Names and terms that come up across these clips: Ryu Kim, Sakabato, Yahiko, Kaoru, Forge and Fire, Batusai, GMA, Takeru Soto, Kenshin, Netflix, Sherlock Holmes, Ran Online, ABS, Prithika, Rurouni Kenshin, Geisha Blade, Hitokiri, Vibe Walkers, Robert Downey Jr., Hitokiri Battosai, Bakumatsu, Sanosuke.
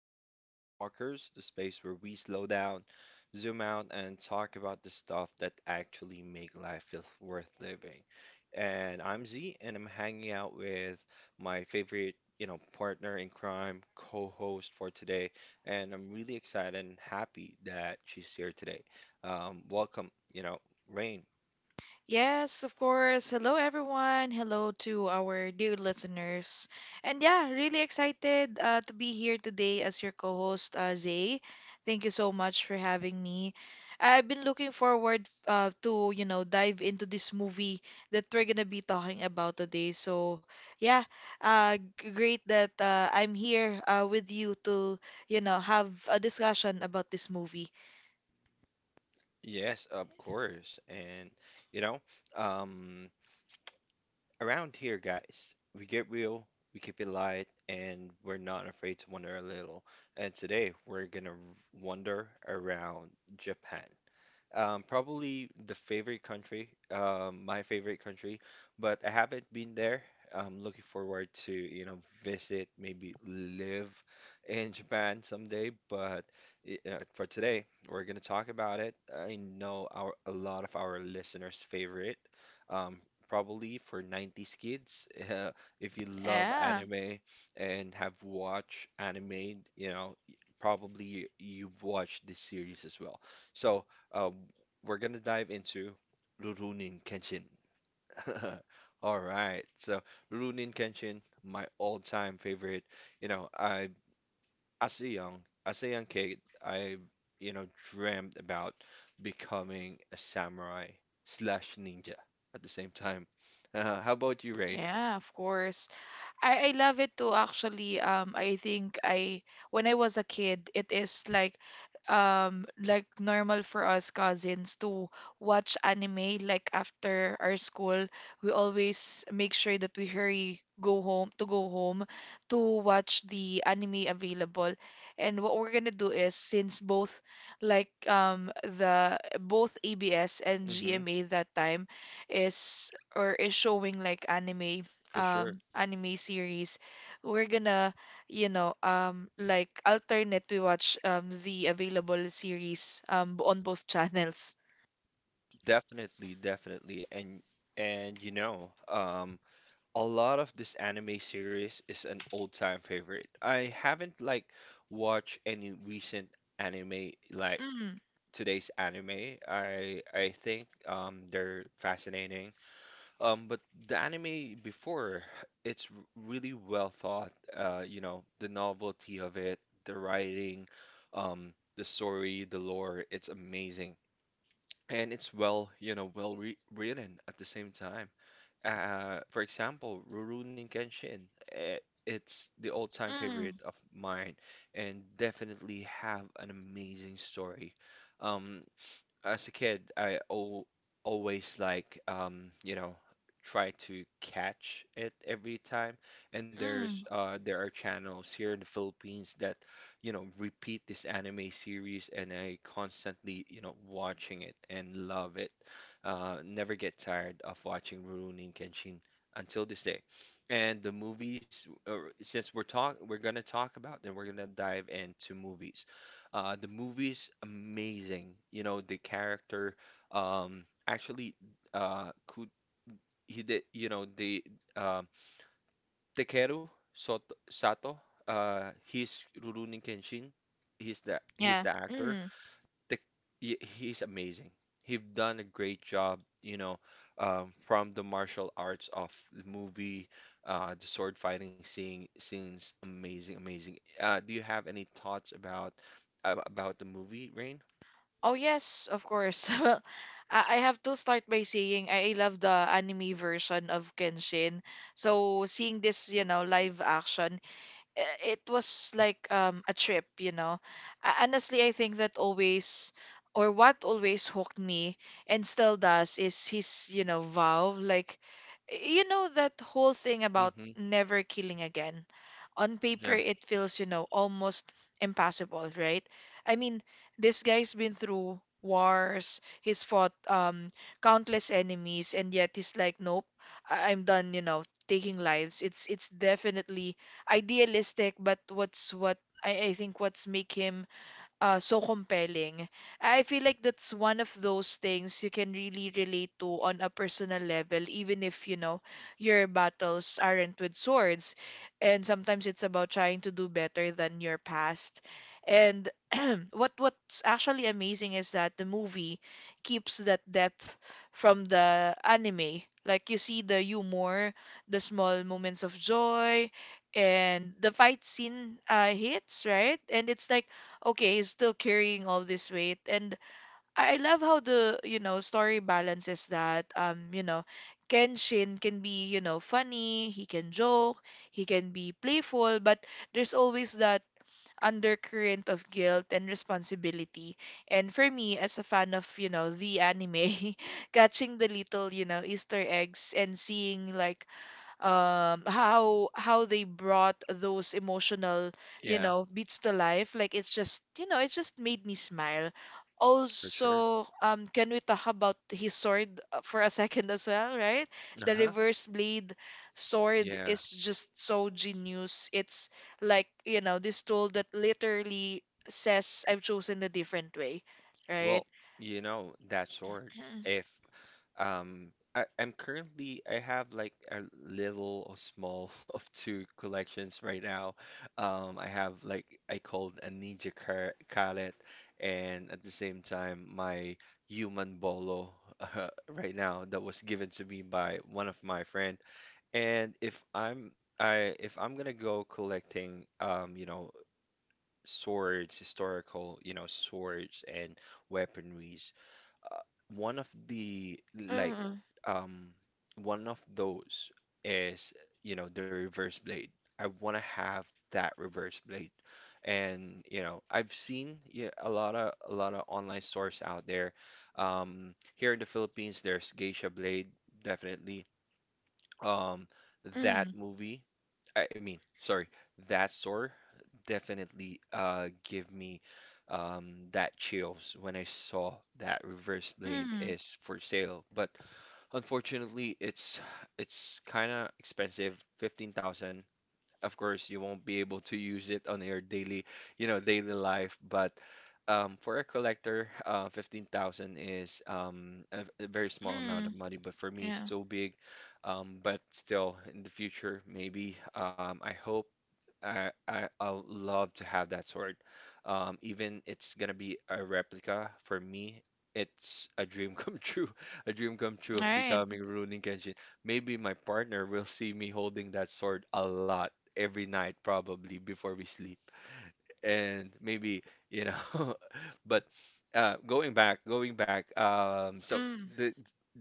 to Vibe Walkers, the space where we slow down, zoom out, and talk about the stuff that actually make life feel worth living. And I'm Z, and I'm hanging out with my favorite, partner in crime, co-host for today. And I'm really excited and happy that she's here today. Welcome, Rain. Yes, of course. Hello, everyone. Hello to our dear listeners. And yeah, really excited to be here today as your co host, Zay. Thank you so much for having me. I've been looking forward to, you know, dive into this movie that we're going to be talking about today. So, yeah, great that I'm here with you to, you know, have a discussion about this movie. Yes, of course. You know, um, Around here, guys, we get real, we keep it light, and we're not afraid to wonder a little. And today, we're gonna wander around Japan. Probably the favorite country, my favorite country, but I haven't been there. I'm looking forward to, you know, visit, maybe live in Japan someday. But for today, we're gonna talk about it. I know our a lot of our listeners' favorite, um, probably for 90s kids. If you love Yeah, anime and have watched anime, you know, probably you've watched this series as well. So. Uh, we're gonna dive into Rurouni Kenshin. All right, so Rurouni Kenshin, my all-time favorite. You know, I as a young as a young kid, I you know dreamt about becoming a samurai slash ninja at the same time. How about you, Rain? yeah, of course. I love it too actually. I think I when I was a kid, it is like normal for us cousins to watch anime like after our school. We always make sure that we hurry go home to watch the anime available. And what we're gonna do is since both like the both ABS and Mm-hmm, GMA that time is or is showing like anime for sure, anime series, we're gonna, you know, like alternate we watch the available series on both channels. definitely, definitely, and you know, a lot of this anime series is an old-time favorite. I haven't like watched any recent anime like Mm, today's anime. I think they're fascinating. But the anime before, it's really well thought. You know, the novelty of it, the writing, the story, the lore, it's amazing. And it's well, you know, well re written at the same time. For example, Rurouni Kenshin. It's the all-time mm, favorite of mine, and definitely have an amazing story. Um, as a kid, I al always like you know, try to catch it every time. And mm. There are channels here in the Philippines that, you know, repeat this anime series, and I constantly, you know, watching it and love it. Never get tired of watching Rurouni Kenshin until this day. And the movies, since we're gonna talk about, then we're gonna dive into movies. The movie is amazing. You know, the character actually could he did you know the um Takeru Soto, Sato, he's Rurouni Kenshin. He's Yeah. the actor. Mm. The, he's amazing. He's done a great job, you know, from the martial arts of the movie, the sword fighting scene, scenes, amazing, amazing. Do you have any thoughts about about the movie, Rain? Oh yes, of course. Well, I have to start by saying I love the anime version of Kenshin. So seeing this, you know, live action it was like a trip, you know. Honestly, I think that always or what always hooked me and still does is his, you know, vow. Like, you know that whole thing about Hmm. never killing again on paper Yeah. it feels, you know, almost impossible, right? I mean, this guy's been through wars, he's fought countless enemies, and yet he's like, nope, I'm done, you know, taking lives. It's definitely idealistic, but I think what's make him so compelling. I feel like that's one of those things you can really relate to on a personal level, even if, you know, your battles aren't with swords. And sometimes it's about trying to do better than your past. And what's actually amazing is that the movie keeps that depth from the anime. Like you see the humor, the small moments of joy, and the fight scene hits, right? And it's like okay, he's still carrying all this weight. And I love how the, you know, story balances that. You know, Kenshin can be, you know, funny, he can joke, he can be playful, but there's always that undercurrent of guilt and responsibility. And for me, as a fan of, you know, the anime, catching the little, you know, Easter eggs and seeing like how they brought those emotional you Yeah. know beats to life, like it's just, you know, it just made me smile. For sure. Also, can we talk about his sword for a second as well, right? The Uh-huh. reverse blade sword Yeah. is just so genius. It's like, you know, this tool that literally says I've chosen a different way, right? Well, you know, that sword. Mm, If um I, I'm currently I have like a little or small of two collections right now. I have like I called a Ninja Kalet, and at the same time my human bolo right now that was given to me by one of my friend. And if I'm gonna go collecting you know, swords, historical, you know, swords and weaponries, one of the like mm, um one of those is, you know, the reverse blade. I wanna have that reverse blade. And, you know, I've seen yeah, a lot of online stores out there. Here in the Philippines, there's Geisha Blade, definitely. Um, that mm, movie. I mean, sorry, That store definitely give me that chills when I saw that Reverse Blade mm, is for sale. But Unfortunately, it's kind of expensive, 15,000. Of course, you won't be able to use it on your daily, you know, daily life, but for a collector, 15,000 is a very small amount of mm, money, but for me, it's yeah. still big. But still, in the future, maybe I hope I'll love to have that sword. Even it's gonna be a replica for me. It's a dream come true, a dream come true All of right. becoming Rurouni Kenshin. Maybe my partner will see me holding that sword a lot every night, probably before we sleep, and maybe you know. But going back so Mm, the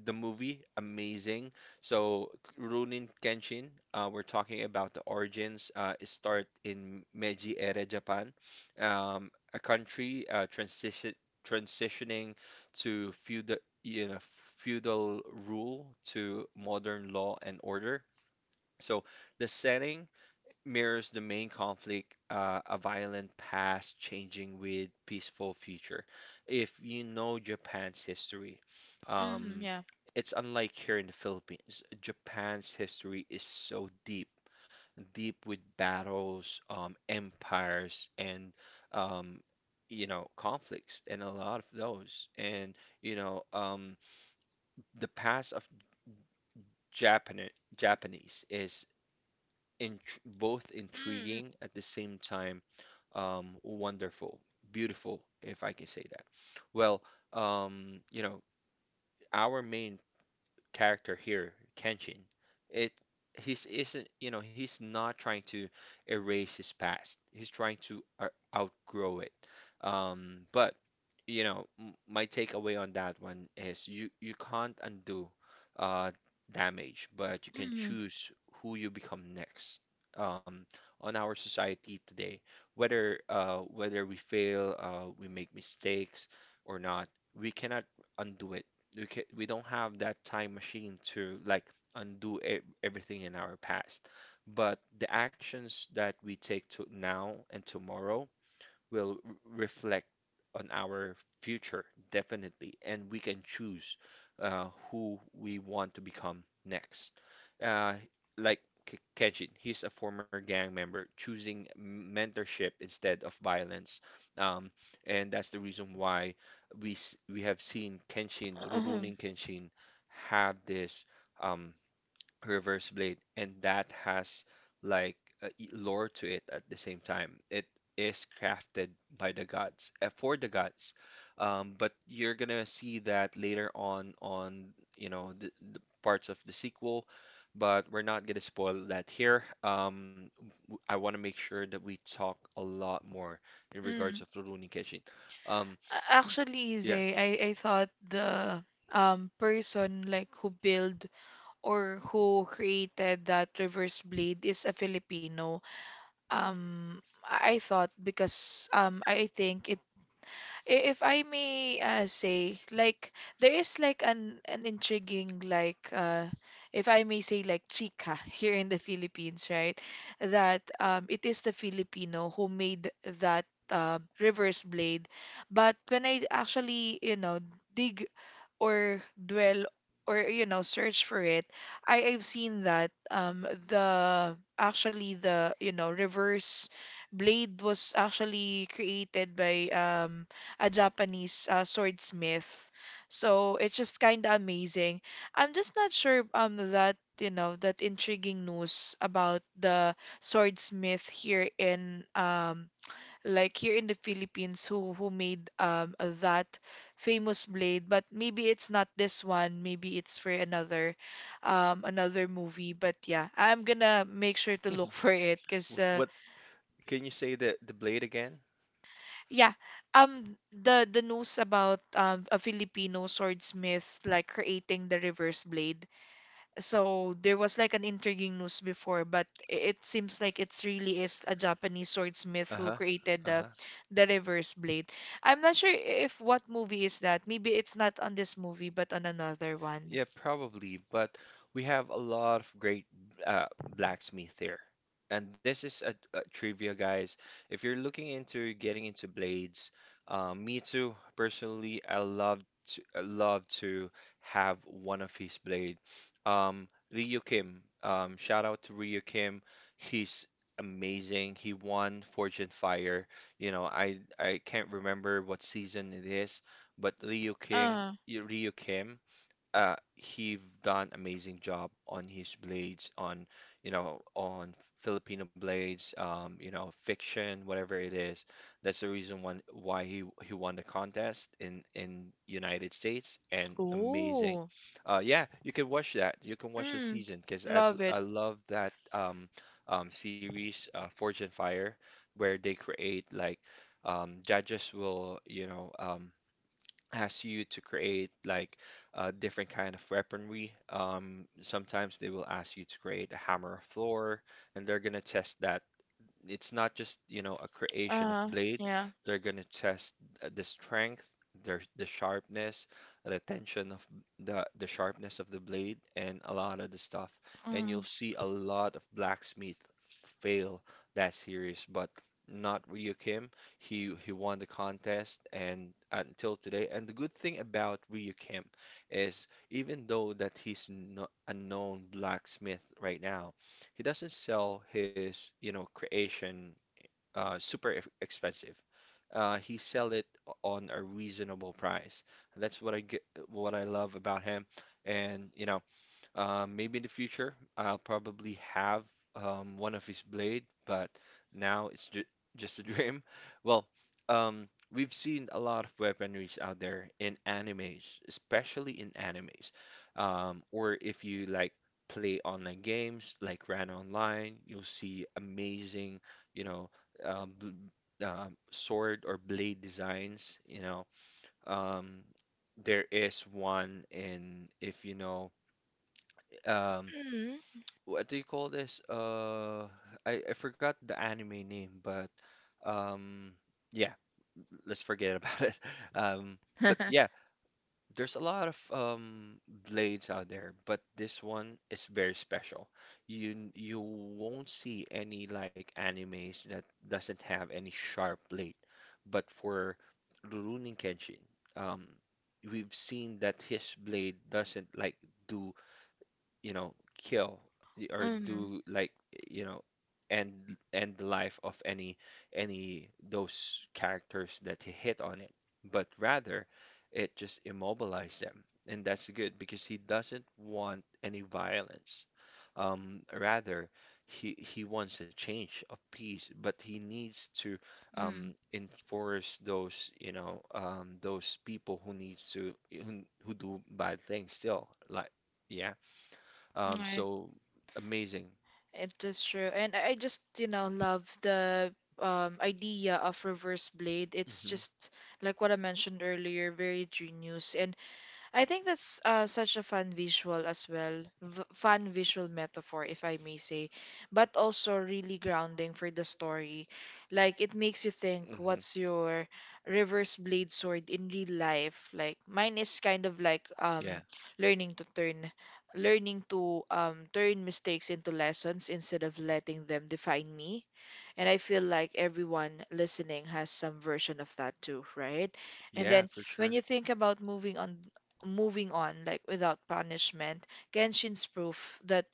the movie amazing, so Runin Kenshin, we're talking about the origins. It start in Meiji era Japan, a country transitioning to feudal, you know, feudal rule to modern law and order. So the setting mirrors the main conflict, a violent past changing with peaceful future. If you know Japan's history, mm, um, yeah. it's unlike here in the Philippines. Japan's history is so deep, deep with battles, empires, and um, you know, conflicts, and a lot of those. And you know, the past of Japan Japanese is in both Mm, intriguing at the same time, wonderful, beautiful, if I can say that. Well, you know, our main character here, Kenshin, it he's isn't you know he's not trying to erase his past. He's trying to outgrow it. But you know, my takeaway on that one is you can't undo uh damage, but you can mm, choose who you become next. Um, on our society today, whether we fail, we make mistakes or not, we cannot undo it. We don't have that time machine to like undo e everything in our past. But the actions that we take to now and tomorrow will reflect on our future, definitely, and we can choose who we want to become next. Uh, like Kenshin, he's a former gang member, choosing mentorship instead of violence, um, and that's the reason why we have seen Kenshin, mm, Rurouni Kenshin, have this. Um, Reverse Blade, and that has like a lore to it at the same time. It is crafted by the gods, for the gods. But you're gonna see that later on you know the parts of the sequel, but we're not gonna spoil that here. I want to make sure that we talk a lot more in regards mm. of Rurouni Kenshin. Um, Actually, yeah. Zay, I thought the person like who build or who created that reverse blade is a Filipino. I thought because I think it if I may say, like there is like an intriguing like if I may say like chica here in the Philippines, right? That it is the Filipino who made that reverse blade, but when I actually, you know, dig or dwell or, you know, search for it, I've seen that the actually the you know reverse blade was actually created by a japanese swordsmith. So it's just kind of amazing. I'm just not sure that, you know, that intriguing news about the swordsmith here in like here in the Philippines who made that famous blade, but maybe it's not this one, maybe it's for another another movie, but yeah, I'm gonna make sure to look for it because What can you say the blade again? yeah, the news about a Filipino swordsmith like creating the reverse blade. So there was like an intriguing news before, but it seems like it's really is a Japanese swordsmith Uh-huh. who created Uh-huh. the reverse blade. I'm not sure if what movie is that. Maybe it's not on this movie, but on another one. Yeah, probably, but we have a lot of great uh, blacksmith here. And this is a trivia, guys. If you're looking into getting into blades, me too. Personally, I love to have one of his blade. Um, Ryu Kim. Shout out to Ryu Kim. He's amazing. He won Fortune Fire. You know, I can't remember what season it is, but Uh, Ryu Kim, he've done amazing job on his blades on you know on Filipino blades, you know fiction whatever it is. That's the reason one why he won the contest in United States, and amazing. oh, Yeah, you can watch that, you can watch the mm, season, because love it. I love that series, Forge and Fire, where they create like judges will you know asks you to create like a different kind of weaponry. Sometimes they will ask you to create a hammer of Thor, and they're gonna test that. It's not just, you know, a creation of Uh, blade. yeah. They're gonna test the strength, the sharpness, the tension of the sharpness of the blade, and a lot of the stuff. And Mm, you'll see a lot of blacksmith fail that series, but not Ryu Kim. He won the contest and until today. And the good thing about Ryu Kim is even though that he's no, a known blacksmith right now, he doesn't sell his, you know, creation super expensive. He sell it on a reasonable price. And that's what I get, what I love about him. And you know, maybe in the future, I'll probably have one of his blade, but now it's ju just a dream. Well, we've seen a lot of weaponries out there in animes, especially in animes. Or if you like play online games like Ran Online, you'll see amazing, you know, bl sword or blade designs. You know, um, there is one in if you know. Um, mm, what do you call this? I forgot the anime name, but um, yeah, let's forget about it. But yeah, there's a lot of blades out there, but this one is very special. You won't see any like animes that doesn't have any sharp blade, but for Rurouni Kenshin, um, we've seen that his blade doesn't like do you know, kill or mm, do like, you know, end the life of any those characters that he hit on it, but rather it just immobilize them. And that's good because he doesn't want any violence. Rather, he wants a change of peace, but he needs to mm. Enforce those, those people who needs to who do bad things still. Like, yeah. Um, Okay. so amazing. It is true. And I just, you know, love the idea of reverse blade. It's hmm just like what I mentioned earlier, very genius. And I think that's such a fun visual as well, fun visual metaphor, if I may say, but also really grounding for the story. Like, it makes you think, hmm what's your reverse blade sword in real life? Like, mine is kind of like Yeah. learning to turn, learning to turn mistakes into lessons instead of letting them define me. And I feel like everyone listening has some version of that too, right? And Yeah, then for when sure. you think about moving on like without punishment, genshin's proof that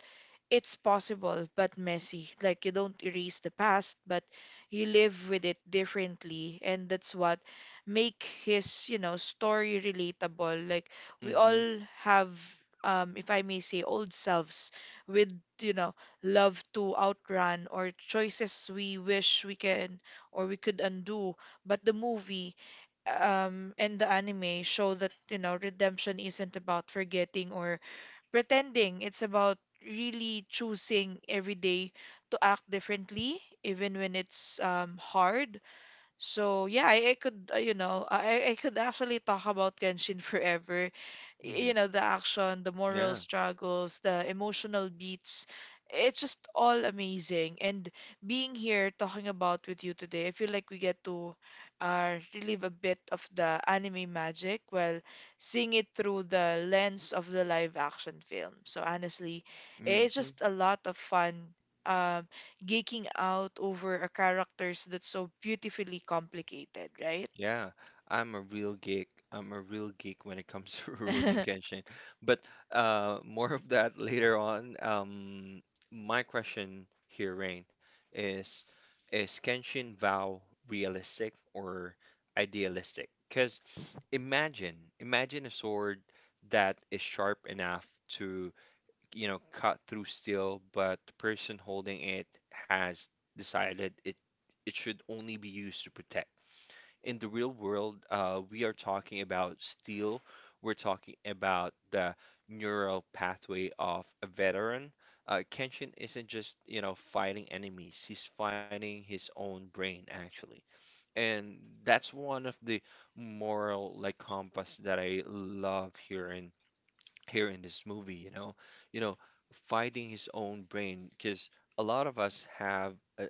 it's possible but messy. Like you don't erase the past, but you live with it differently, and that's what make his, you know, story relatable. Like we hmm hmm all have, if I may say, old selves with, you know, love to outrun or choices we wish we can or we could undo. But the movie, in the anime show that, you know, redemption isn't about forgetting or pretending. It's about really choosing every day to act differently, even when it's hard. So yeah, I could you know I could actually talk about Genshin forever. You know the action, the moral Yeah. struggles, the emotional beats. It's just all amazing. And being here talking about with you today, I feel like we get to relive a bit of the anime magic while seeing it through the lens of the live action film. So honestly, hmm it's just a lot of fun. Um, geeking out over a characters that's so beautifully complicated, right? Yeah, I'm a real geek. I'm a real geek when it comes to ruining Kenshin. But more of that later on. My question here, Rain, is is Kenshin Vow realistic or idealistic? Because imagine a sword that is sharp enough to, you know, cut through steel, but the person holding it has decided it should only be used to protect in the real world. Uh, We are talking about steel. We're talking about the neural pathway of a veteran. Kenshin isn't just, you know, fighting enemies. He's fighting his own brain, actually. And that's one of the moral like compass that I love here in this movie, you know, fighting his own brain because a lot of us have uh,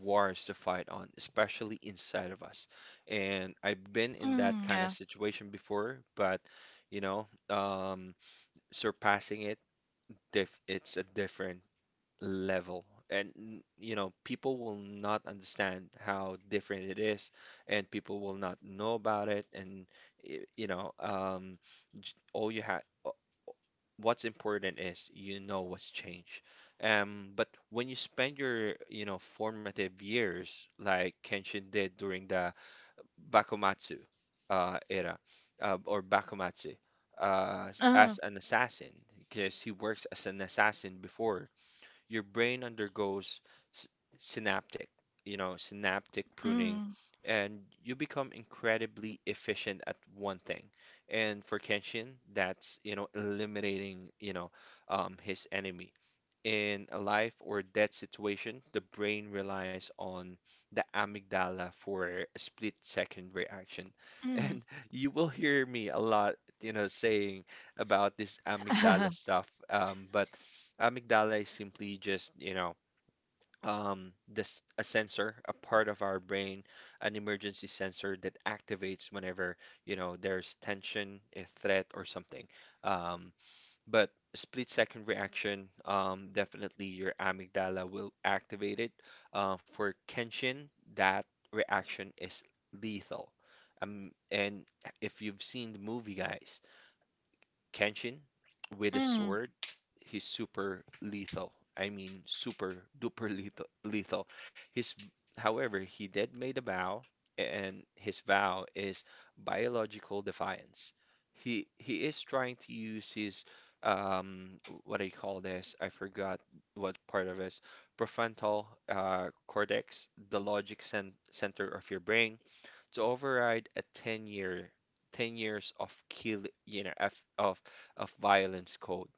wars to fight on, especially inside of us. And I've been in that Mm, kind of yeah. situation before, but you know, surpassing it, diff it's a different level. And you know, people will not understand how different it is, and people will not know about it. And you know, all you have what's important is you know what's changed. But when you spend your, you know, formative years like Kenshin did during the Bakumatsu era or Bakumatsu Uh, as an assassin, because he works as an assassin before your brain undergoes s- synaptic, you know, synaptic pruning, mm, and you become incredibly efficient at one thing. And for Kenshin, that's, you know, eliminating, you know, his enemy. In a life or death situation, the brain relies on the amygdala for a split second reaction. mm, And you will hear me a lot, you know, saying about this amygdala stuff. But amygdala is simply just, you know, this a sensor, a part of our brain, an emergency sensor that activates whenever, you know, there's tension, a threat, or something. Um, but split second reaction, definitely your amygdala will activate it. For Kenshin, that reaction is lethal. And if you've seen the movie, guys, Kenshin with his mm, sword, he's super lethal. I mean, super duper lethal. His, however, he did made a vow, and his vow is biological defiance. He is trying to use his um what do you call this? I forgot what part of his prefrontal cortex, the logic center of your brain, to override a 10 years of kill you know of, of violence code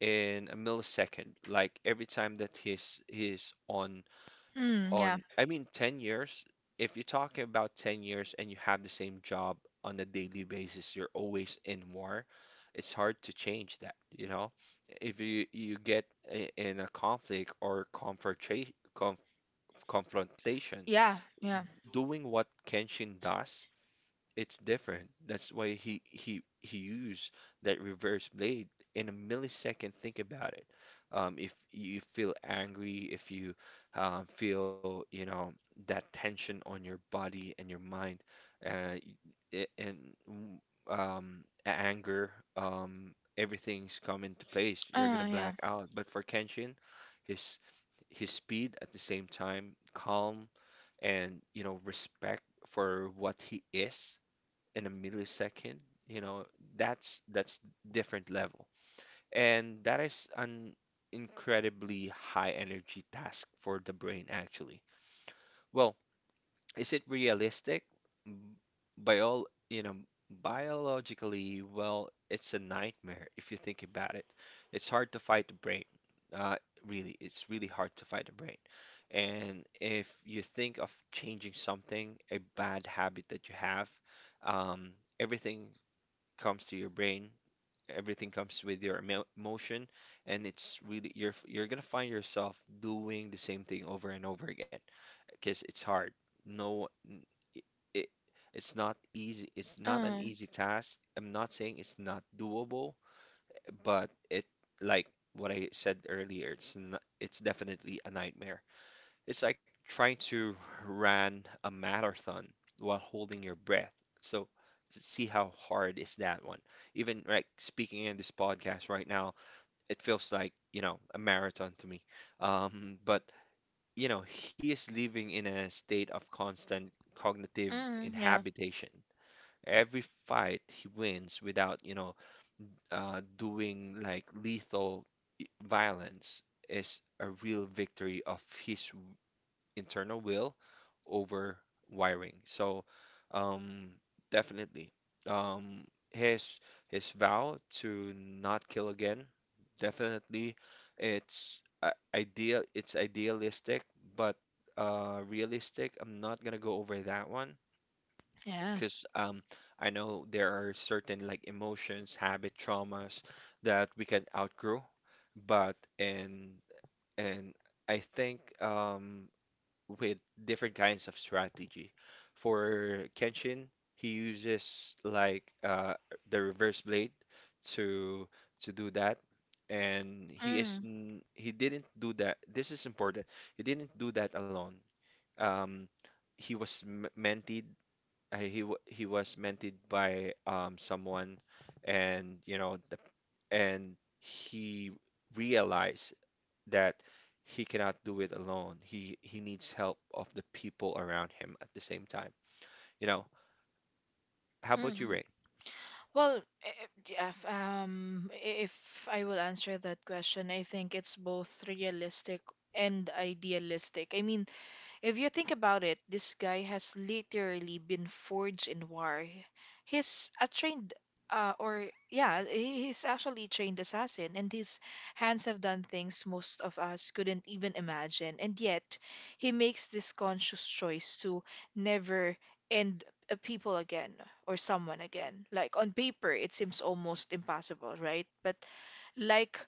in a millisecond, like every time that he's mm, on yeah. I mean 10 years. If you're talking about 10 years and you have the same job on a daily basis, you're always in war. It's hard to change that, you know. If you get in a conflict or confrontation Yeah, yeah. doing what Kenshin does, it's different. That's why he used that reverse blade in a millisecond. Think about it. If you feel angry, if you feel you know that tension on your body and your mind, uh, and mm, anger, everything's come into place. You're gonna Yeah. black out. But for Kenshin, his his speed at the same time, calm, and you know respect for what he is in a millisecond, you know, that's different level. And that is an incredibly high energy task for the brain actually. Well, is it realistic? M- By all, you know, biologically, well, it's a nightmare if you think about it. It's hard to fight the brain. Uh, it's really hard to fight the brain. And if you think of changing something, a bad habit that you have, um, everything comes to your brain. Everything comes with your emotion, and it's really you're gonna find yourself doing the same thing over and over again because it's hard. No, n- I- it, it's not easy. It's not an Uh, easy task. I'm not saying it's not doable, but it like what I said earlier, it's not, it's definitely a nightmare. It's like trying to run a marathon while holding your breath. So see how hard is that one. Even like speaking in this podcast right now, it feels like, you know, a marathon to me. But you know, he is living in a state of constant cognitive mm, yeah. inhabitation. Every fight he wins without, you know, doing like lethal violence is a real victory of his internal will over wiring. So, um, definitely, um, his vow to not kill again, definitely, it's ideal. It's idealistic, but realistic. I'm not gonna go over that one Yeah. because I know there are certain like emotions, habit, traumas that we can outgrow, but in and I think with different kinds of strategy. For Kenshin, he uses like the reverse blade to to do that, and Mm, he didn't do that. This is important. He didn't do that alone. Um, he was mentored. He was mentored by someone, and he realized that he cannot do it alone. He needs help of the people around him at the same time. You know, how about you, mm. Rain? Well, eh, eh, yeah, if I will answer that question, I think it's both realistic and idealistic. I mean, if you think about it, this guy has literally been forged in war. He's a trained, or yeah, he's actually a trained assassin, and his hands have done things most of us couldn't even imagine. And yet, he makes this conscious choice to never end a people again or someone again. Like on paper, it seems almost impossible, right? But like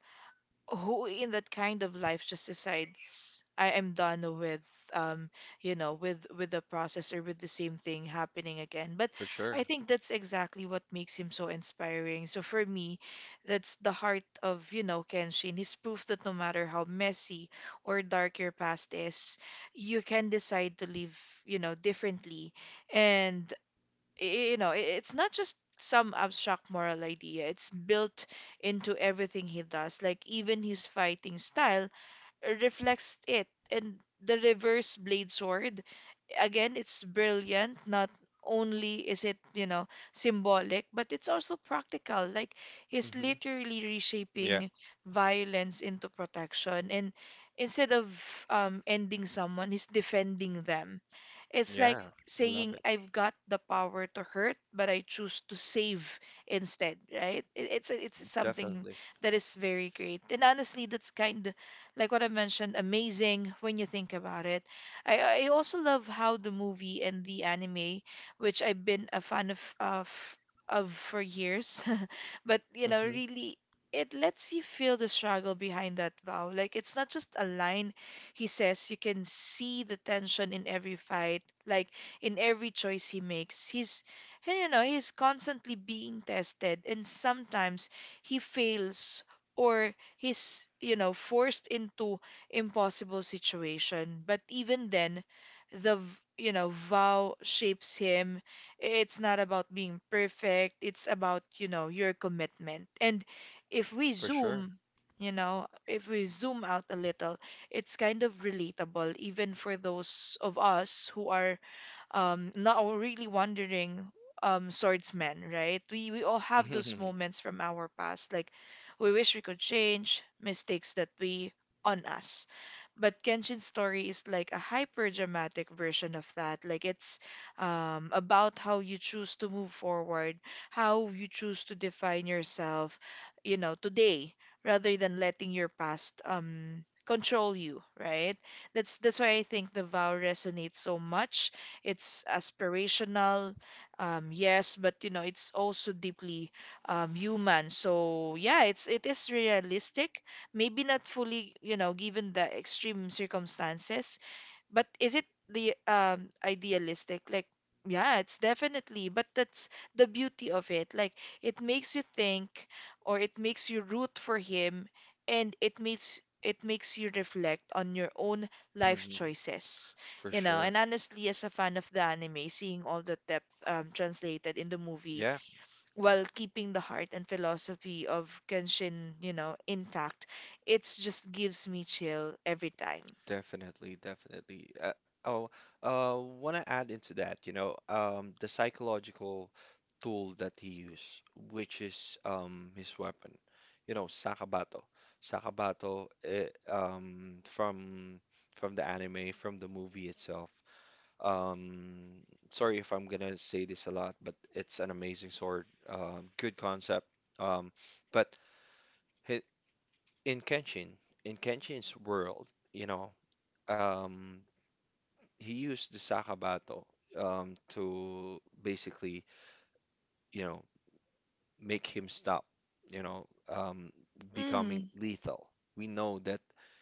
who in that kind of life just decides I am done with um you know with the process or with the same thing happening again. But For I sure. think that's exactly what makes him so inspiring. So for me, that's the heart of, you know, Kenshin. He's proof that no matter how messy or dark your past is, you can decide to live, you know, differently. And you know, it's not just some abstract moral idea. It's built into everything he does. Like even his fighting style reflects it. And the reverse blade sword, again, it's brilliant. Not only is it, you know, symbolic, but it's also practical. Like he's hmm literally Yeah. reshaping violence into protection. And instead of ending someone, he's defending them. It's Yeah. like I love saying it. I've got the power to hurt, but I choose to save instead, right? It's something Definitely. that is very great. And honestly, that's kind of like what I mentioned, amazing when you think about it. I also love how the movie and the anime, which I've been a fan of of for years, but you know, hmm really it lets you feel the struggle behind that vow. Like it's not just a line he says. You can see the tension in every fight, like in every choice he makes. And, you know, he's constantly being tested, and sometimes he fails or he's, you know, forced into impossible situation. But even then, the, v- you know, vow shapes him. It's not about being perfect. It's about, you know, your commitment. And if we For sure. zoom, you know, if we zoom out a little, it's kind of relatable even for those of us who are not really wandering swordsmen, right? We all have those hmm moments from our past, like we wish we could change mistakes that we on us. But Kenshin's story is like a hyper dramatic version of that. Like it's about how you choose to move forward, how you choose to define yourself, you know, today rather than letting your past control you, right? That's why I think the vow resonates so much. It's aspirational, yes, but you know, it's also deeply human. So yeah, it is realistic. Maybe not fully, you know, given the extreme circumstances, but is it the idealistic? Like, yeah, it's definitely, but that's the beauty of it. Like, it makes you think, or it makes you root for him, and it makes you reflect on your own life choices. For You know, sure. and honestly, as a fan of the anime, seeing all the depth translated in the movie Yeah. while keeping the heart and philosophy of Genshin, you know, intact, it just gives me chill every time. Definitely, definitely. Oh, want to add into that, you know, the psychological tool that he used, which is his weapon, you know, Sakabato. Sakabato, from the anime, from the movie itself. Um, sorry if I'm gonna say this a lot, but it's an amazing sword, good concept. Um, but hi- in Kenshin, in Kenshin's world, you know. Um, he used the sakabato to basically, you know, make him stop, you know, um, becoming Mm. lethal. We know that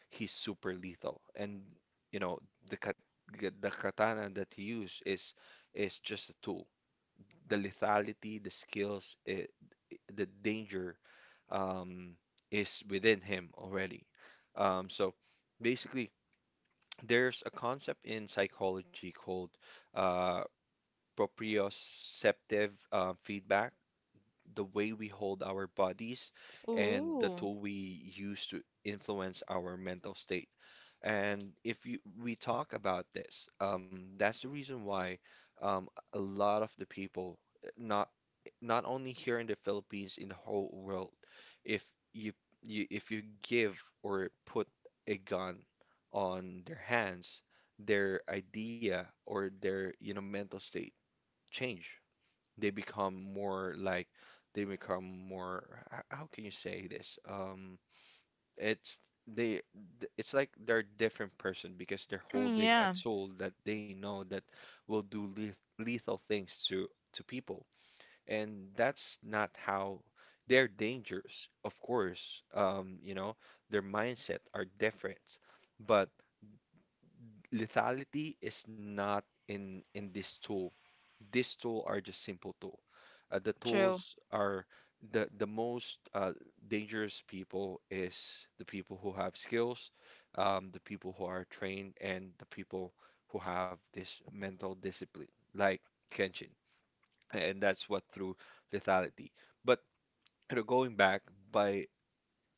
he's super lethal, and you know the kat the katana that he used is just a tool. The lethality, the skills, the danger um, is within him already. Um, so Basically, there's a concept in psychology called uh, proprioceptive feedback, the way we hold our bodies, and the Ooh. tool we use to influence our mental state. And if you, we talk about this, that's the reason why um, a lot of the people, not not only here in the Philippines, in the whole world, if you, if you give or put a gun on their hands, their idea or their you know mental state change. They become more like they become more how can you say this? It's they it's like they're a different person because they're Mm, holding a yeah. tool that they know that will do lethal things to people. And that's not how they're dangerous, of course. You know, their mindset are different, but lethality is not in this tool. This tool are just simple tool. The True. tools are The most dangerous people is the people who have skills, the people who are trained, and the people who have this mental discipline, like Kenshin, and that's what through lethality. But you know, going back by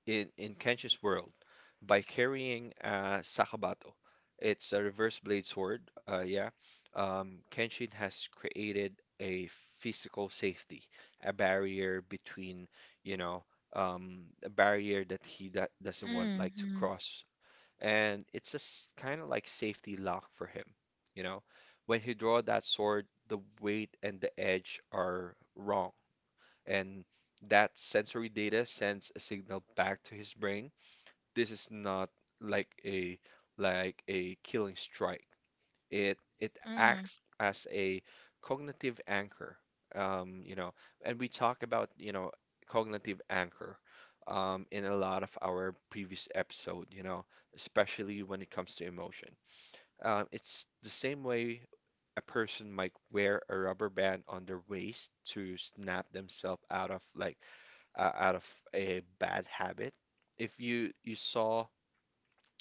in Kenshin's world by carrying a Sakabato. It's a reverse blade sword. Yeah. Kenshin has created a physical safety, a barrier between, you know, a barrier that he that doesn't want like to Mm-hmm. cross. And it's a kind of like safety lock for him, you know. When he draw that sword, the weight and the edge are wrong. And that sensory data sends a signal back to his brain. This is not like a like a killing strike. It Mm. acts as a cognitive anchor. You know, and we talk about, you know, cognitive anchor in a lot of our previous episode, you know, especially when it comes to emotion. It's the same way a person might wear a rubber band on their waist to snap themselves out of like out of a bad habit. If you saw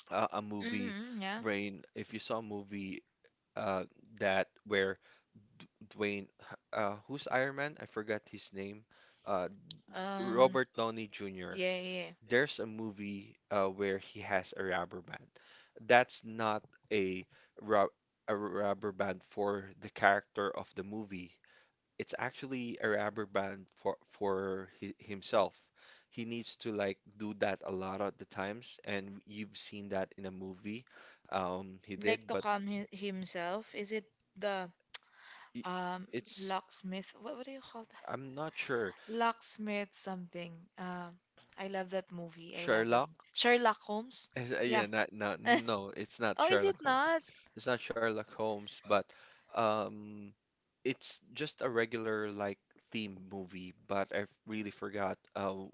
a movie, Mm-hmm, yeah. Rain, if you saw a movie uh, that where D Dwayne, who's Iron Man? I forgot his name. Uh, Um, Robert Downey Jr. yeah, yeah, yeah. There's a movie where he has a rubber band. That's not a, rub a rubber band for the character of the movie. It's actually a rubber band for hi himself. He needs to like do that a lot of the times, and you've seen that in a movie. He Like did, to but calm hi himself. Is it the i- um it's locksmith? What do you call that? I'm not sure. Locksmith something. I love that movie. I love that Sherlock? Sherlock Holmes. Yeah. Yeah, not, no, no, it's not Oh, is it Sherlock Holmes. not? It's not Sherlock Holmes, but um, it's just a regular like theme movie, but I really forgot uh, w-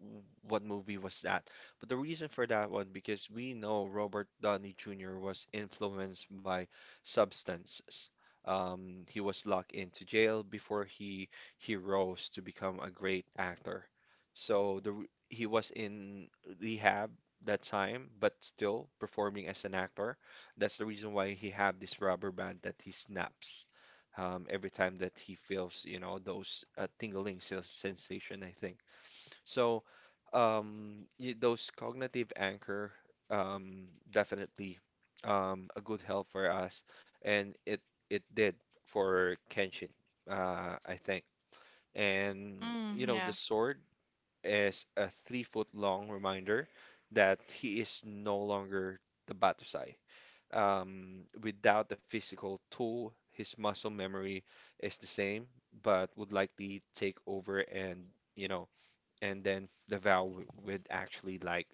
w- what movie was that. But the reason for that one because we know Robert Downey Jr. was influenced by substances. He was locked into jail before he rose to become a great actor. So he was in rehab that time, but still performing as an actor. That's the reason why he had this rubber band that he snaps every time that he feels, you know, those tingling sensation, I think. So, those cognitive anchor, definitely a good help for us, and it did for Kenshin, I think. And you Mm, know, the yeah. sword is a 3-foot long reminder that he is no longer the Batusai. Without the physical tool, his muscle memory is the same, but would likely take over and, you know, and then the vow would actually like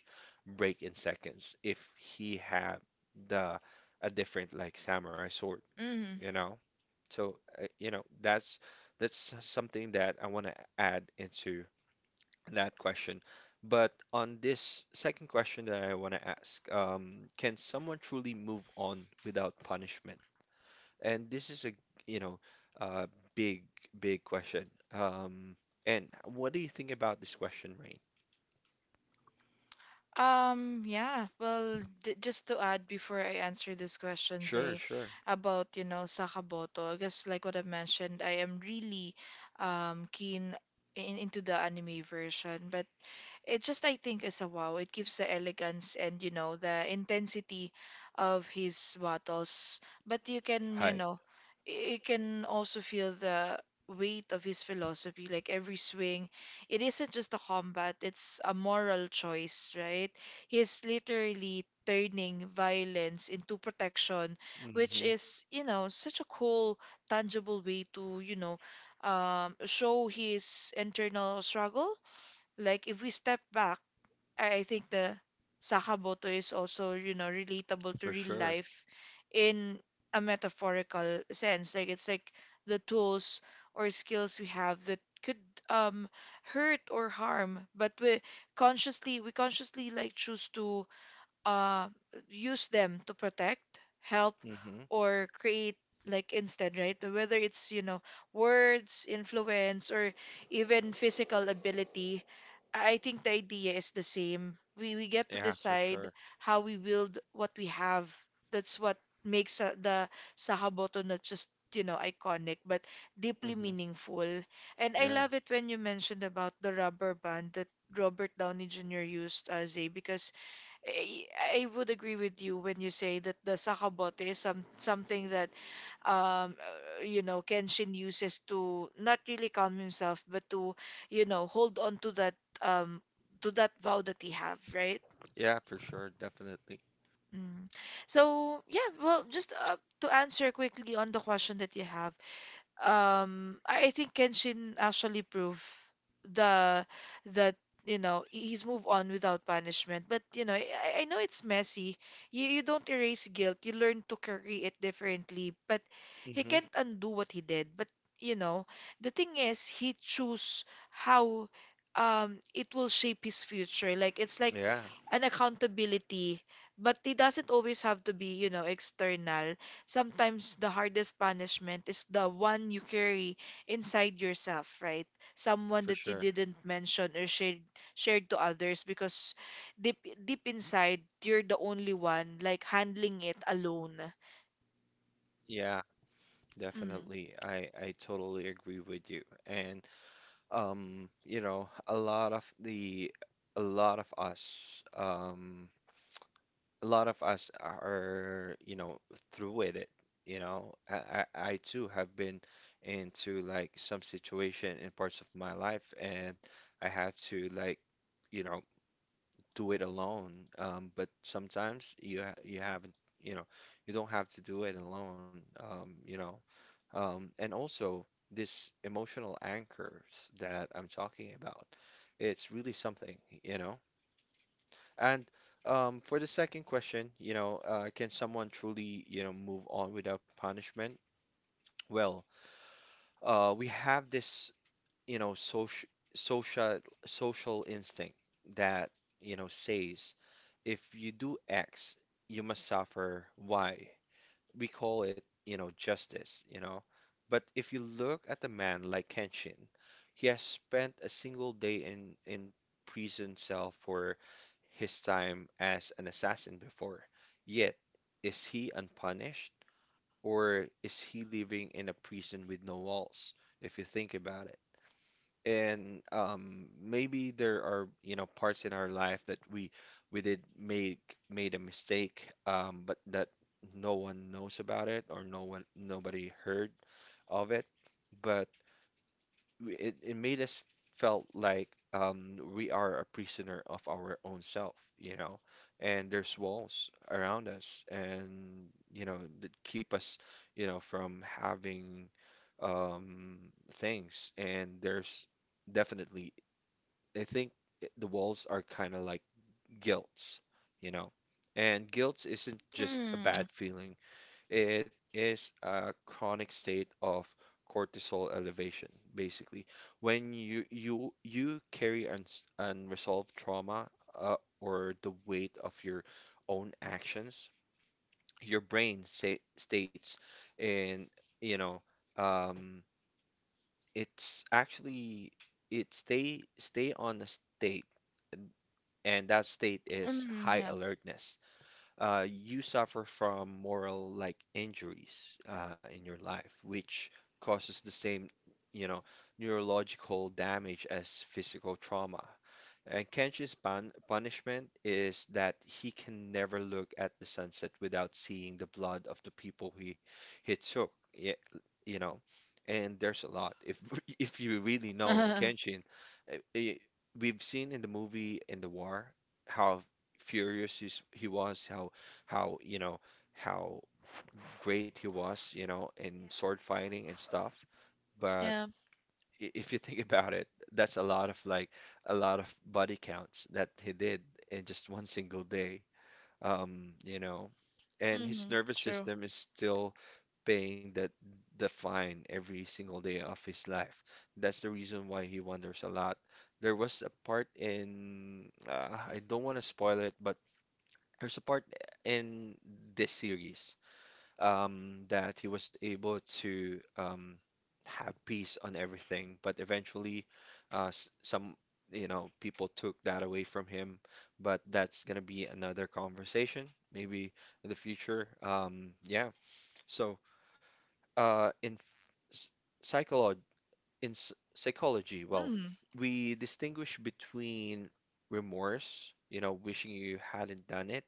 break in seconds if he had the a different like samurai sword, Hmm. you know. So, you know, that's something that I want to add into that question. But on this second question that I want to ask, can someone truly move on without punishment? And this is a, you know, uh, big, big question. Um, and what do you think about this question, Rain? Yeah, well, d just to add before I answer this question, Sure, Zay, sure. about, you know, Sakamoto, I guess like what I mentioned, I am really keen in into the anime version, but it just, I think, is a wow. It gives the elegance and, you know, the intensity of his battles. But you can, Hi. you know, you can also feel the weight of his philosophy. Like every swing, it isn't just a combat, it's a moral choice, right? He's literally turning violence into protection, Mm-hmm. which is, you know, such a cool, tangible way to, you know, show his internal struggle. Like if we step back, I think the Sakamoto is also, you know, relatable to For real sure. life in a metaphorical sense. Like it's like the tools or skills we have that could um hurt or harm, but we consciously like choose to uh, use them to protect, help, Mm-hmm. or create like instead, right? Whether it's, you know, words, influence, or even physical ability, I think the idea is the same. We get to Yeah, for decide sure. how we wield what we have. That's what makes the Sahaboto not just, you know, iconic, but deeply Mm-hmm. meaningful. And I Yeah. love it when you mentioned about the rubber band that Robert Downey Jr. used as a because I, I would agree with you when you say that the sakabote is something that um you know Kenshin uses to not really calm himself but to, you know, hold on um to that vow that he have, right? Yeah, for sure. Definitely. Mm. So yeah, well, just to answer quickly on the question that you have, I think Kenshin actually proved the that, you know, he's moved on without punishment, but you know, I know it's messy. You don't erase guilt, you learn to carry it differently, but he Mm-hmm. can't undo what he did. But you know, the thing is he chose how it will shape his future. Like it's like Yeah, an accountability, but it doesn't always have to be, you know, external. Sometimes the hardest punishment is the one you carry inside yourself, right? Someone for that you sure. didn't mention or shared to others, because deep deep inside you're the only one like handling it alone. Yeah. Mm. Definitely. I totally agree with you. And you know, a lot of us um a lot of us are, you know, through with it, you know. I too have been into like some situation in parts of my life and I have to like, you know, do it alone. But sometimes you haven't, you know, you don't have to do it alone. And also this emotional anchors that I'm talking about. It's really something, you know. And for the second question, you know, can someone truly, you know, move on without punishment? Well, we have this, you know, social social instinct that, you know, says if you do X, you must suffer Y. We call it, you know, justice, you know. But if you look at a man like Kenshin, he has spent a single day in prison cell for his time as an assassin before. Yet, is he unpunished or is he living in a prison with no walls, if you think about it and maybe there are you know parts in our life that we did make made a mistake, but that no one knows about it or no one nobody heard of it but it made us felt like we are a prisoner of our own self, you know, and there's walls around us and, you know, that keep us, you know, from having um, things. And there's definitely, I think the walls are kind of like guilt, you know, and guilt isn't just a Mm, bad feeling. It is a chronic state of cortisol elevation, basically. When you carry uns unresolved trauma uh, or the weight of your own actions, your brain states in, you know, um, it's actually it stay on a state, and that state is mm, high yeah. alertness. You suffer from moral like injuries in your life, which causes the same, you know, neurological damage as physical trauma. And Kenshi's punishment is that he can never look at the sunset without seeing the blood of the people he took. Yeah, you know, and there's a lot. If if you really know Kenshin, eh, eh, we've seen in the movie in the war how furious he was, how you know how great he was, you know, in sword fighting and stuff. But Yeah. If you think about it, that's a lot of like a lot of body counts that he did in just one single day. You know, and his Mm, nervous true. system is still paying that the fine every single day of his life. That's the reason why he wanders a lot. There was a part in I don't want to spoil it, but there's a part in this series, that he was able to have peace on everything. But eventually, some you know people took that away from him. But that's gonna be another conversation, maybe in the future. Yeah. So in psychology, well, Mm, we distinguish between remorse, you know, wishing you hadn't done it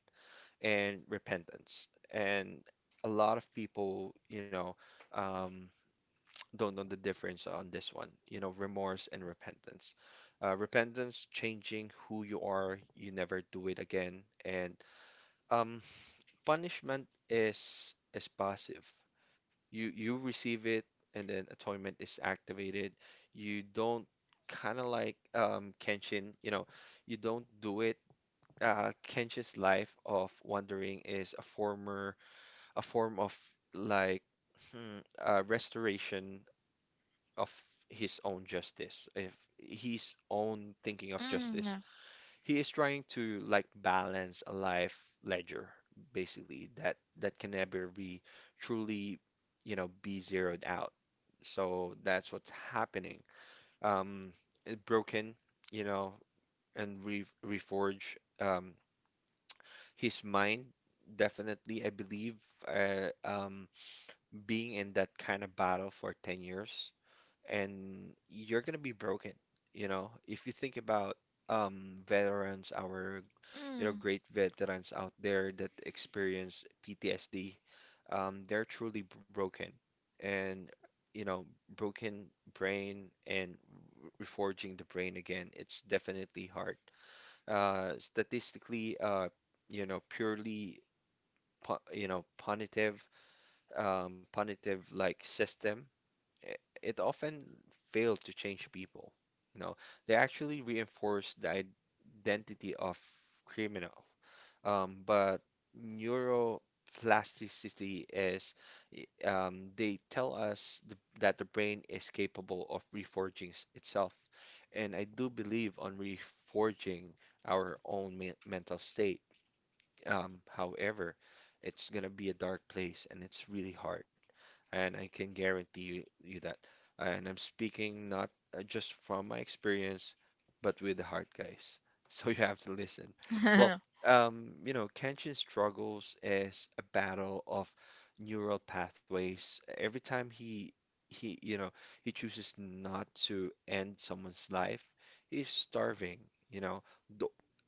and repentance. And a lot of people, you know, um, don't know the difference on this one, you know, remorse and repentance. Repentance, changing who you are, you never do it again. And um, punishment is passive. You receive it, and then atonement is activated. You don't kind of like Kenshin, you know, you don't do it. Kenshin's life of wandering is a form of like restoration of his own justice, if his own thinking of mm, justice. yeah. He is trying to like balance a life ledger, basically, that can never be truly, you know, be zeroed out. So that's what's happening. Um, it broken, you know, and re reforge his mind. Definitely, I believe. Uh, um, being in that kind of battle for 10 years and you're going to be broken, you know. If you think about veterans, our you know Mm, great veterans out there that experience PTSD, they're truly broken and you know, broken brain and reforging the brain again, it's definitely hard. Statistically you know, purely you know, punitive like system i- it often failed to change people. You know, they actually reinforced the identity of criminal. But neuroplasticity they tell us th that the brain is capable of reforging itself. And I do believe on reforging our own me mental state. However, it's gonna be a dark place and it's really hard. And I can guarantee you that. And I'm speaking not just from my experience, but with the heart, guys. So you have to listen. Well, you know, Kenshin struggles is a battle of neural pathways. Every time you know, he chooses not to end someone's life, he's starving, you know. The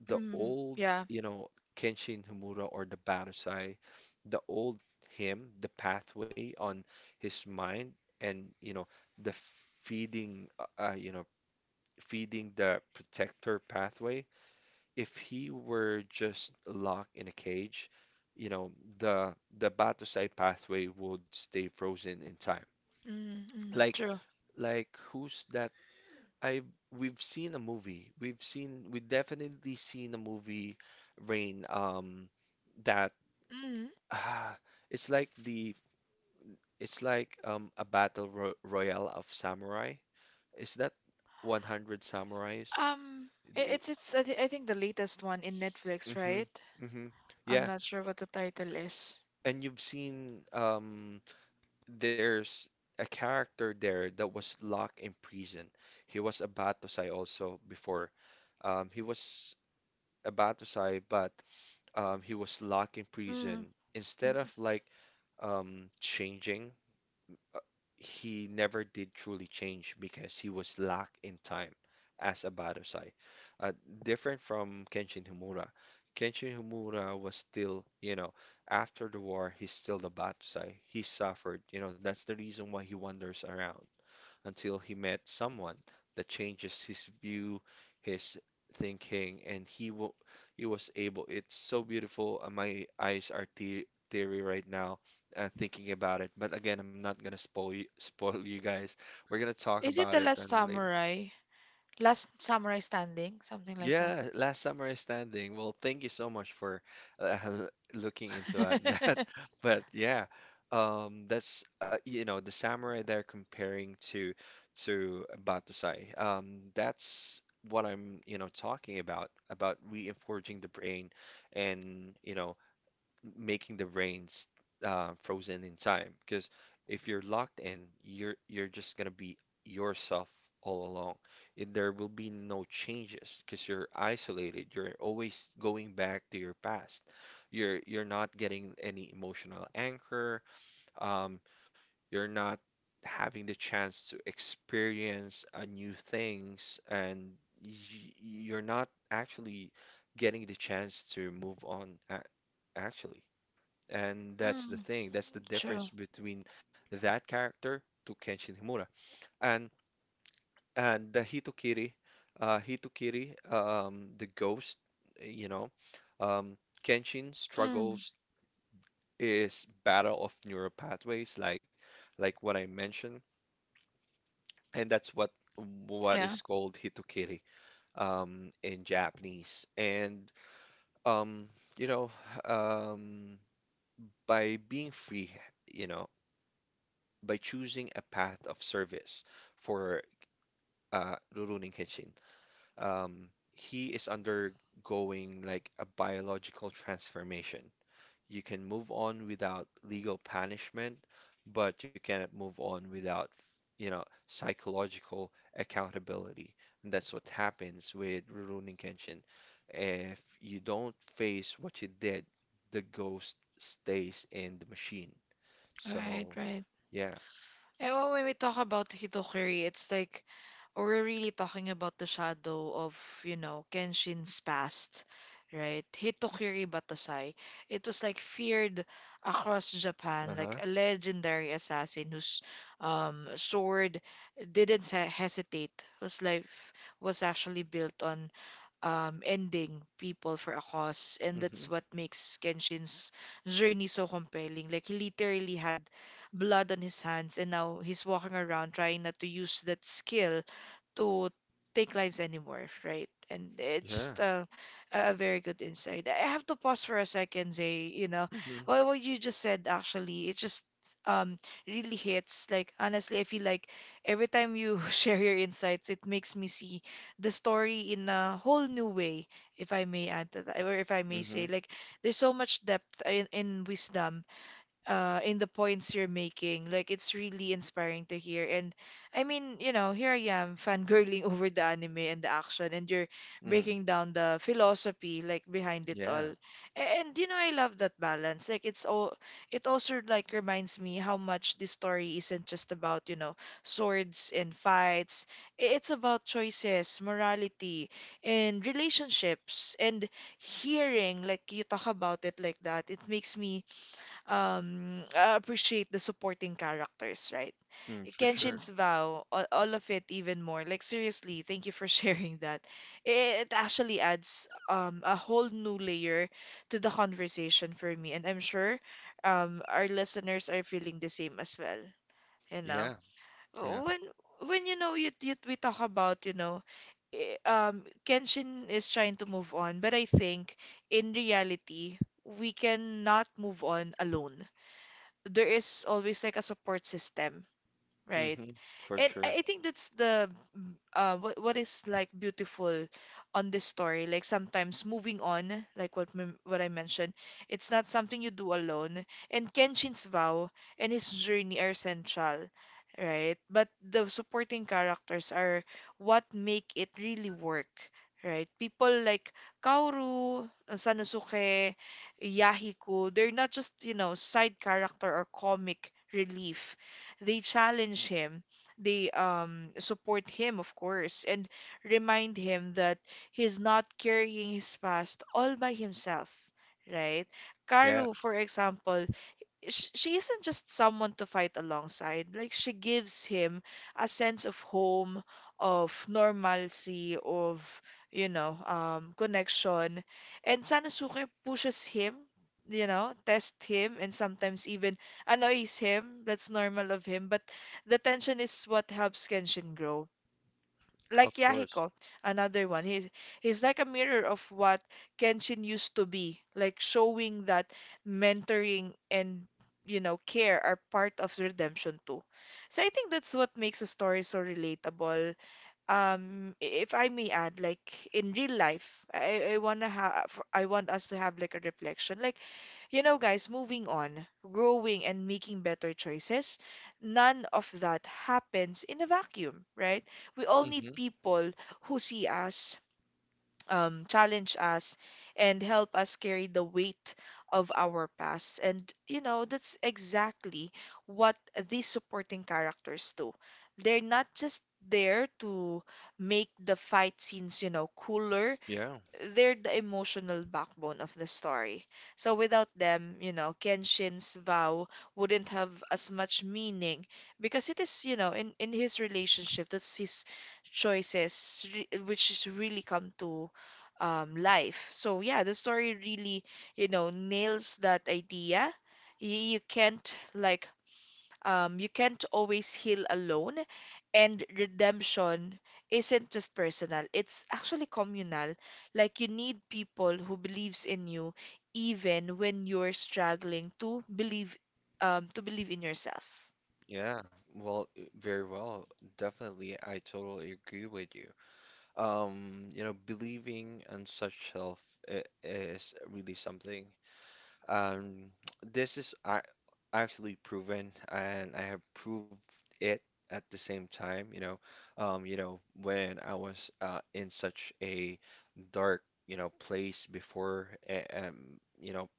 the mm, old, yeah. you know, Kenshin Himura or the Banzai, the old him, the pathway on his mind, and you know the feeding, you know, feeding the protector pathway. If he were just locked in a cage, you know, the Banzai pathway would stay frozen in time. Mm, mm, Like true. like who's that? I we've seen a movie. We definitely seen a movie, Rain, that Mm. Ah, it's like the it's like a battle ro royale of samurai. Is that 100 samurais? Um, i- The, it's it's I think the latest one in Netflix, mm-hmm, right? mm-hmm. I'm Yeah, not sure what the title is. and you've seen there's a character there that was locked in prison. He was a Batosai also before. He was a Batosai, but he was locked in Mm. prison, instead of like changing, he never did truly change because he was locked in time as a Badosai. Uh, different from Kenshin Himura. Kenshin Himura was still, you know, after the war, he's still the Badosai. He suffered, you know, that's the reason why he wanders around until he met someone that changes his view, his thinking, and he was able. It's so beautiful. My eyes are te teary right now thinking about it. But again, I'm not gonna spoil you, spoil you guys. We're gonna talk Is it about The it Last and later. Samurai? Last Samurai Standing, something like that. Yeah, last summer is standing. Well, thank you so much for uh, looking into at that. But yeah, that's you know the samurai they're comparing to Batusai. That's what I'm you know talking about reinforcing the brain and you know making the brains frozen in time. Because if you're locked in, you're just gonna be yourself all along. There will be no changes because you're isolated. You're always going back to your past. You're not getting any emotional anchor. Um, you're not having the chance to experience new things, and y- you're not actually getting the chance to move on. Actually. And that's the Mm, thing. That's the difference true. between that character to Kenshin Himura. And and the Hitokiri, the ghost, you know, um, Kenshin Mm, struggles is battle of neural pathways, like what I mentioned, and that's what yeah. is called Hitokiri, in Japanese. And um, you know, um, by being free, you know. By choosing a path of service for Rurouni Kenshin. Um, he is undergoing like a biological transformation. You can move on without legal punishment, but you cannot move on without, you know, psychological accountability. And that's what happens with Rurouni Kenshin. If you don't face what you did, the ghost stays in the machine. Right, So, right. yeah. And when we talk about Hitokiri, it's like we're really talking about the shadow of, you know, Kenshin's past, right? Hitokiri Batasai. It was like feared across Japan, Uh-huh. like a legendary assassin whose sword didn't hesitate, whose life was actually built on ending people for a cause. And hmm that's what makes Kenshin's journey so compelling. Like, he literally had blood on his hands, and now he's walking around trying not to use that skill to take lives anymore, right? And it's Yeah. just a very good insight. I have to pause for a second, Zay. You know, hmm what you just said actually, it just um really hits. Like honestly, I feel like every time you share your insights, it makes me see the story in a whole new way, if I may add to that, or if I may say, hmm like there's so much depth in wisdom in the points you're making. Like, it's really inspiring to hear. And I mean, you know, here I am fangirling over the anime and the action, and you're hmm breaking down the philosophy like behind it Yeah. all. And you know, I love that balance. Like, it also like reminds me how much this story isn't just about, you know, swords and fights. It's about choices, morality, and relationships. And hearing like you talk about it like that, it makes me appreciate the supporting characters, right? Mm, for sure. Kenshin's vow, all of it even more. Like seriously, thank you for sharing that. It actually adds a whole new layer to the conversation for me, and I'm sure our listeners are feeling the same as well. You Yeah. know, Yeah. when you know, you we talk about, you know, Kenshin is trying to move on, but I think in reality we cannot move on alone. There is always like a support system, right. hmm For And sure. I think that's the what is like beautiful on this story. Like sometimes moving on, like what what I mentioned, it's not something you do alone. And Kenshin's vow and his journey are central, right? But the supporting characters are what make it really work, right? People like Kaoru, Sanosuke, Yahiko, they're not just, you know, side character or comic relief. They challenge him. They support him, of course, and remind him that he's not carrying his past all by himself, right? Yeah. Karu, for example, she isn't just someone to fight alongside. Like she gives him a sense of home, of normalcy, of, you know, connection. And Sanosuke pushes him, you know, tests him, and sometimes even annoys him. That's normal of him. But the tension is what helps Kenshin grow, like Of course. Yahiko, another one. He's like a mirror of what Kenshin used to be, like showing that mentoring and, you know, care are part of redemption too. So I think that's what makes a story so relatable, um if I may add, like in real life, I want us to have like a reflection. Like, you know, guys, moving on, growing and making better choices, none of that happens in a vacuum, right? We all need Hmm people who see us, challenge us and help us carry the weight of our past. And, you know, that's exactly what these supporting characters do. They're not just there to make the fight scenes, you know, cooler. Yeah. They're the emotional backbone of the story. So without them, you know, Kenshin's vow wouldn't have as much meaning, because it is, you know, in his relationship, that's his choices, which is really come to life. So yeah, the story really, you know, nails that idea. You, you can't like you can't always heal alone, and redemption isn't just personal. It's actually communal. Like you need people who believes in you even when you're struggling to believe in yourself. Yeah. Well, very well. Definitely, I totally agree with you. You know, believing in such self is really something. Um, this actually proven, and I have proved it at the same time. You know, when I was in such a dark, you know, place before, you know,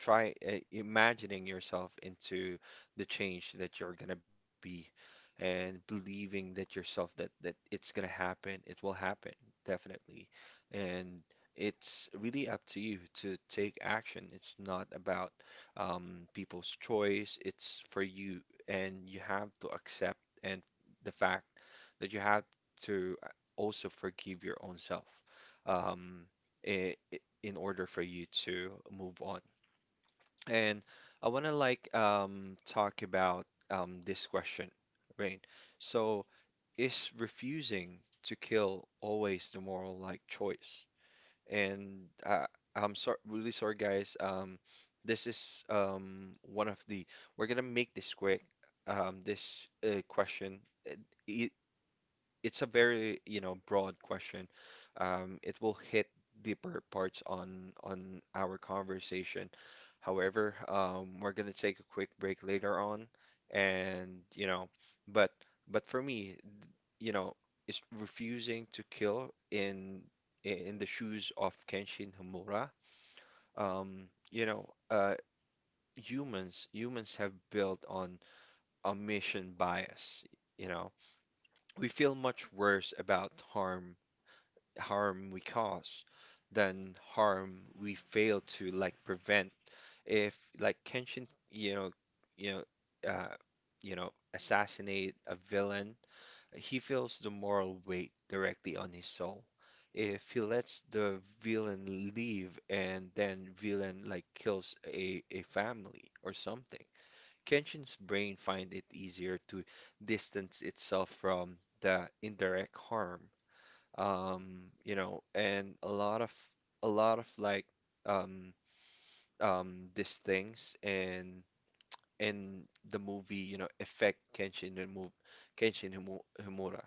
try imagining yourself into the change that you're gonna be, and believing that yourself that it's gonna happen, it will happen, definitely. And it's really up to you to take action. It's not about, people's choice, it's for you, and you have to accept and the fact that you have to also forgive your own self, um, in order for you to move on. And I want to like talk about this question, right? So, is refusing to kill always the moral like choice? And I'm sorry, really sorry, guys. This is one of the, we're gonna make this quick. This question. uh, e- it's a very, you know, broad question. It will hit deeper parts on our conversation. However, we're gonna take a quick break later on, and you know, but but for me, you know, it's refusing to kill in the shoes of Kenshin Hamura. You know, humans have built on a mission bias. You know, we feel much worse about harm, we cause than harm we fail to like prevent. If like Kenshin, you know, you know, uh, you know, assassinate a villain, he feels the moral weight directly on his soul. If he lets the villain leave and then villain like kills a family or something, Kenshin's brain find it easier to distance itself from the indirect harm. You know, and a lot of a lot of um these things in the movie, you know, affect Kenshin and move Kenshin Himura.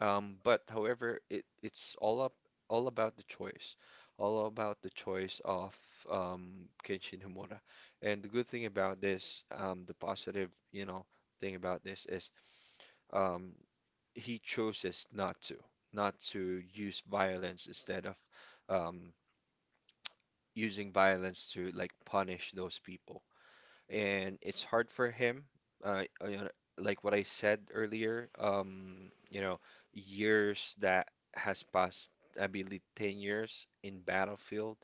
But however, it's all up, all about the choice, all about the choice of Kenshin Himura. And the good thing about this, the positive, you know, thing about this is um he chooses not to, not to use violence instead of, um, using violence to like punish those people. And it's hard for him, you know, like what I said earlier, you know, years that has passed, I believe 10 years in battlefield,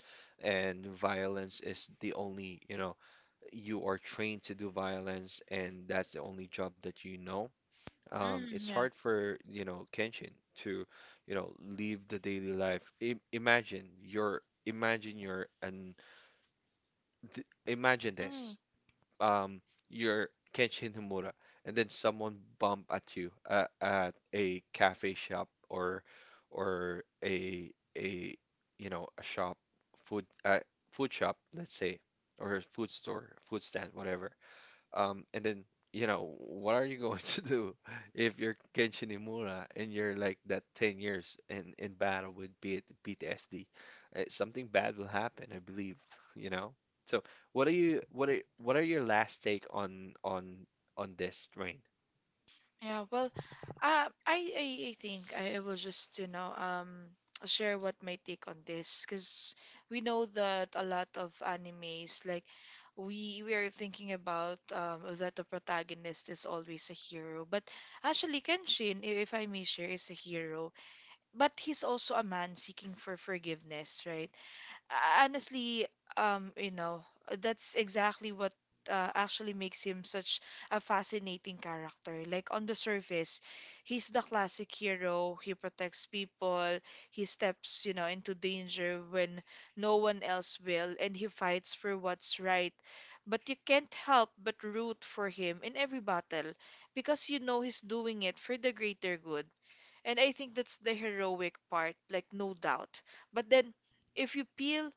and violence is the only, you know, you are trained to do violence, and that's the only job that you know. It's hard for, you know, Kenshin to, you know, live the daily life. I imagine you're an th imagine this. Um, you're Kenshin Himura, and then someone bump at you at a cafe shop, or a you know, a shop, food uh, food shop, let's say, or a food store, food stand, whatever, and then, you know, what are you going to do if you're Kenshin Imura and you're like that 10 years in battle with P PTSD? Something bad will happen, I believe, you know? So what are you, what are your last take on this train? Yeah, well, uh, I, I I think I will just, you know, share what my take on this, because we know that a lot of animes like we are thinking about, that the protagonist is always a hero, but actually Kenshin, if I may share, is a hero, but he's also a man seeking for forgiveness, right? Honestly, you know, that's exactly what actually makes him such a fascinating character. Like on the surface, he's the classic hero. He protects people. He steps, you know, into danger when no one else will, and he fights for what's right. But you can't help but root for him in every battle, because you know he's doing it for the greater good. And I think that's the heroic part, like no doubt. But then if you peel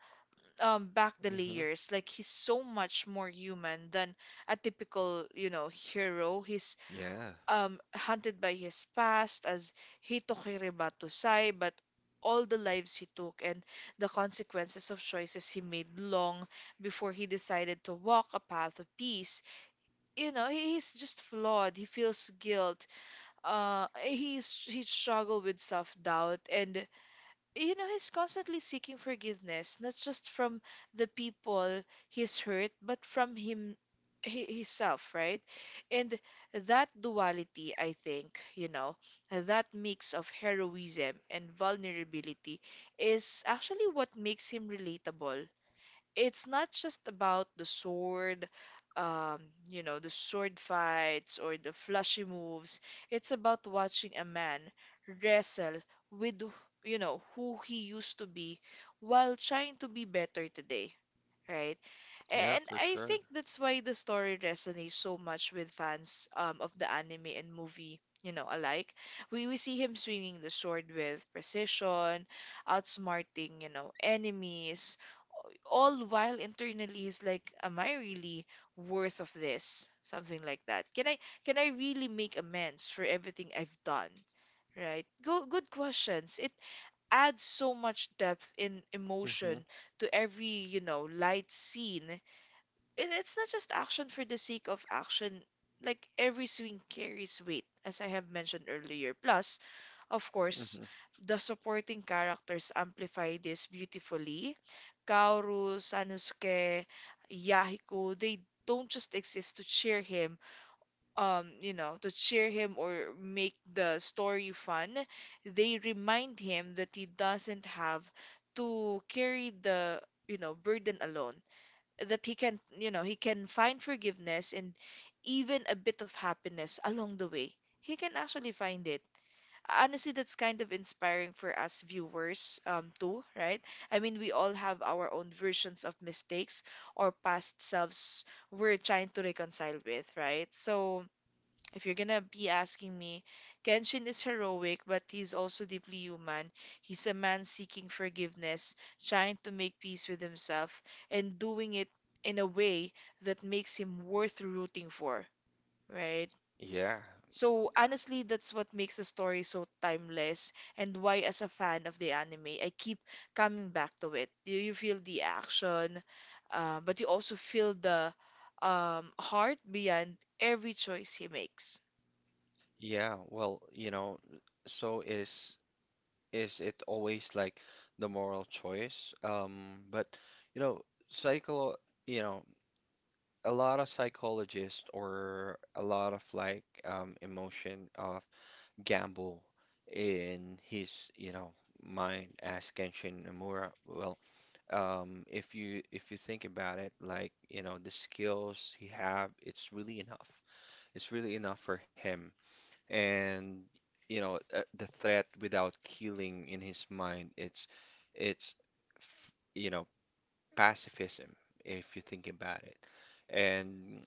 back the Hmm layers. Like he's so much more human than a typical, you know, hero. He's Yeah, haunted by his past as he took Hireba Sai, but all the lives he took and the consequences of choices he made long before he decided to walk a path of peace. You know, he's just flawed. He feels guilt. He struggle with self-doubt, and you know, he's constantly seeking forgiveness, not just from the people he's hurt, but from himself, right? And that duality, I think, you know, that mix of heroism and vulnerability is actually what makes him relatable. It's not just about the sword, um, you know, the sword fights or the flashy moves. It's about watching a man wrestle with, you know, who he used to be while trying to be better today, right? yeah, And for I sure. think that's why the story resonates so much with fans of the anime and movie, you know, alike. We see him swinging the sword with precision, outsmarting, you know, enemies, all while internally he's like, "Am I really worth of this?" Something like that. Can I really make amends for everything I've done? Right? Good questions. It adds so much depth in hmm emotion to every, you know, light scene. It's not just action for the sake of action. Like every swing carries weight, as I have mentioned earlier. Plus, of course, hmm the supporting characters amplify this beautifully. Kaoru, Sanosuke, Yahiko, they don't just exist to cheer him, you know, to cheer him or make the story fun. They remind him that he doesn't have to carry the, you know, burden alone, that he can find forgiveness and even a bit of happiness along the way. He can actually find it. Honestly, that's kind of inspiring for us viewers, too, right? I mean, we all have our own versions of mistakes or past selves we're trying to reconcile with, right? So, if you're gonna be asking me, Kenshin is heroic, but he's also deeply human. He's a man seeking forgiveness, trying to make peace with himself, and doing it in a way that makes him worth rooting for, right? Yeah, So honestly, that's what makes the story so timeless, and why, as a fan of the anime, I keep coming back to it. You feel the action, but you also feel the heart behind every choice he makes. yeah. Well, you know, so is. is it always like the moral choice? But you know, psycho, you know, a lot of psychologists or a lot of like, emotion of Gamble in his, you know, mind as Kenshin Nomura. Well, if you think about it, like, you know, the skills he have, it's really enough. It's really enough for him, and you know, the threat without killing in his mind, it's, you know, pacifism, if you think about it. And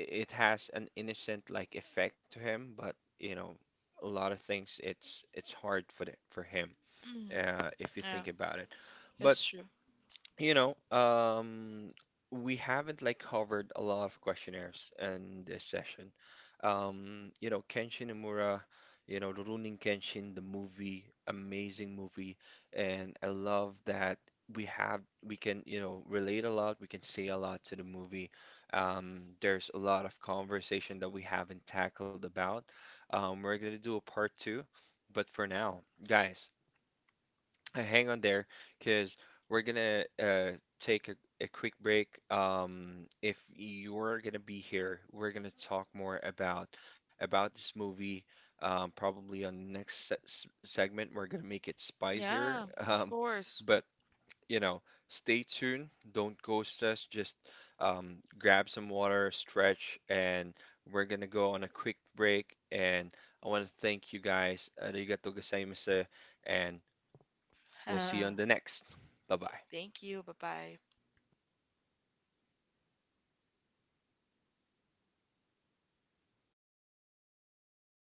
it has an innocent like effect to him, but you know, a lot of things, it's hard for the, for him, Mm, if you yeah, think about it. But that's true. you know, we haven't like covered a lot of questionnaires in this session. You know, Kenshin Imura, you know, Rurouni Kenshin, the movie, amazing movie, and I love that we can, you know, relate a lot, we can say a lot to the movie. There's a lot of conversation that we haven't tackled about. We're gonna do a part two, but for now, guys. Hang on there, because we're gonna take a quick break. If you're gonna be here, we're gonna talk more about this movie. Probably on next segment, we're gonna make it spicier. Yeah, of Um, course. but you know, stay tuned. Don't ghost us. Just, grab some water, stretch, and we're gonna go on a quick break. And I want to thank you guys. Arigato gozaimasu, and we'll see you on the next. Bye bye. Thank you. Bye bye.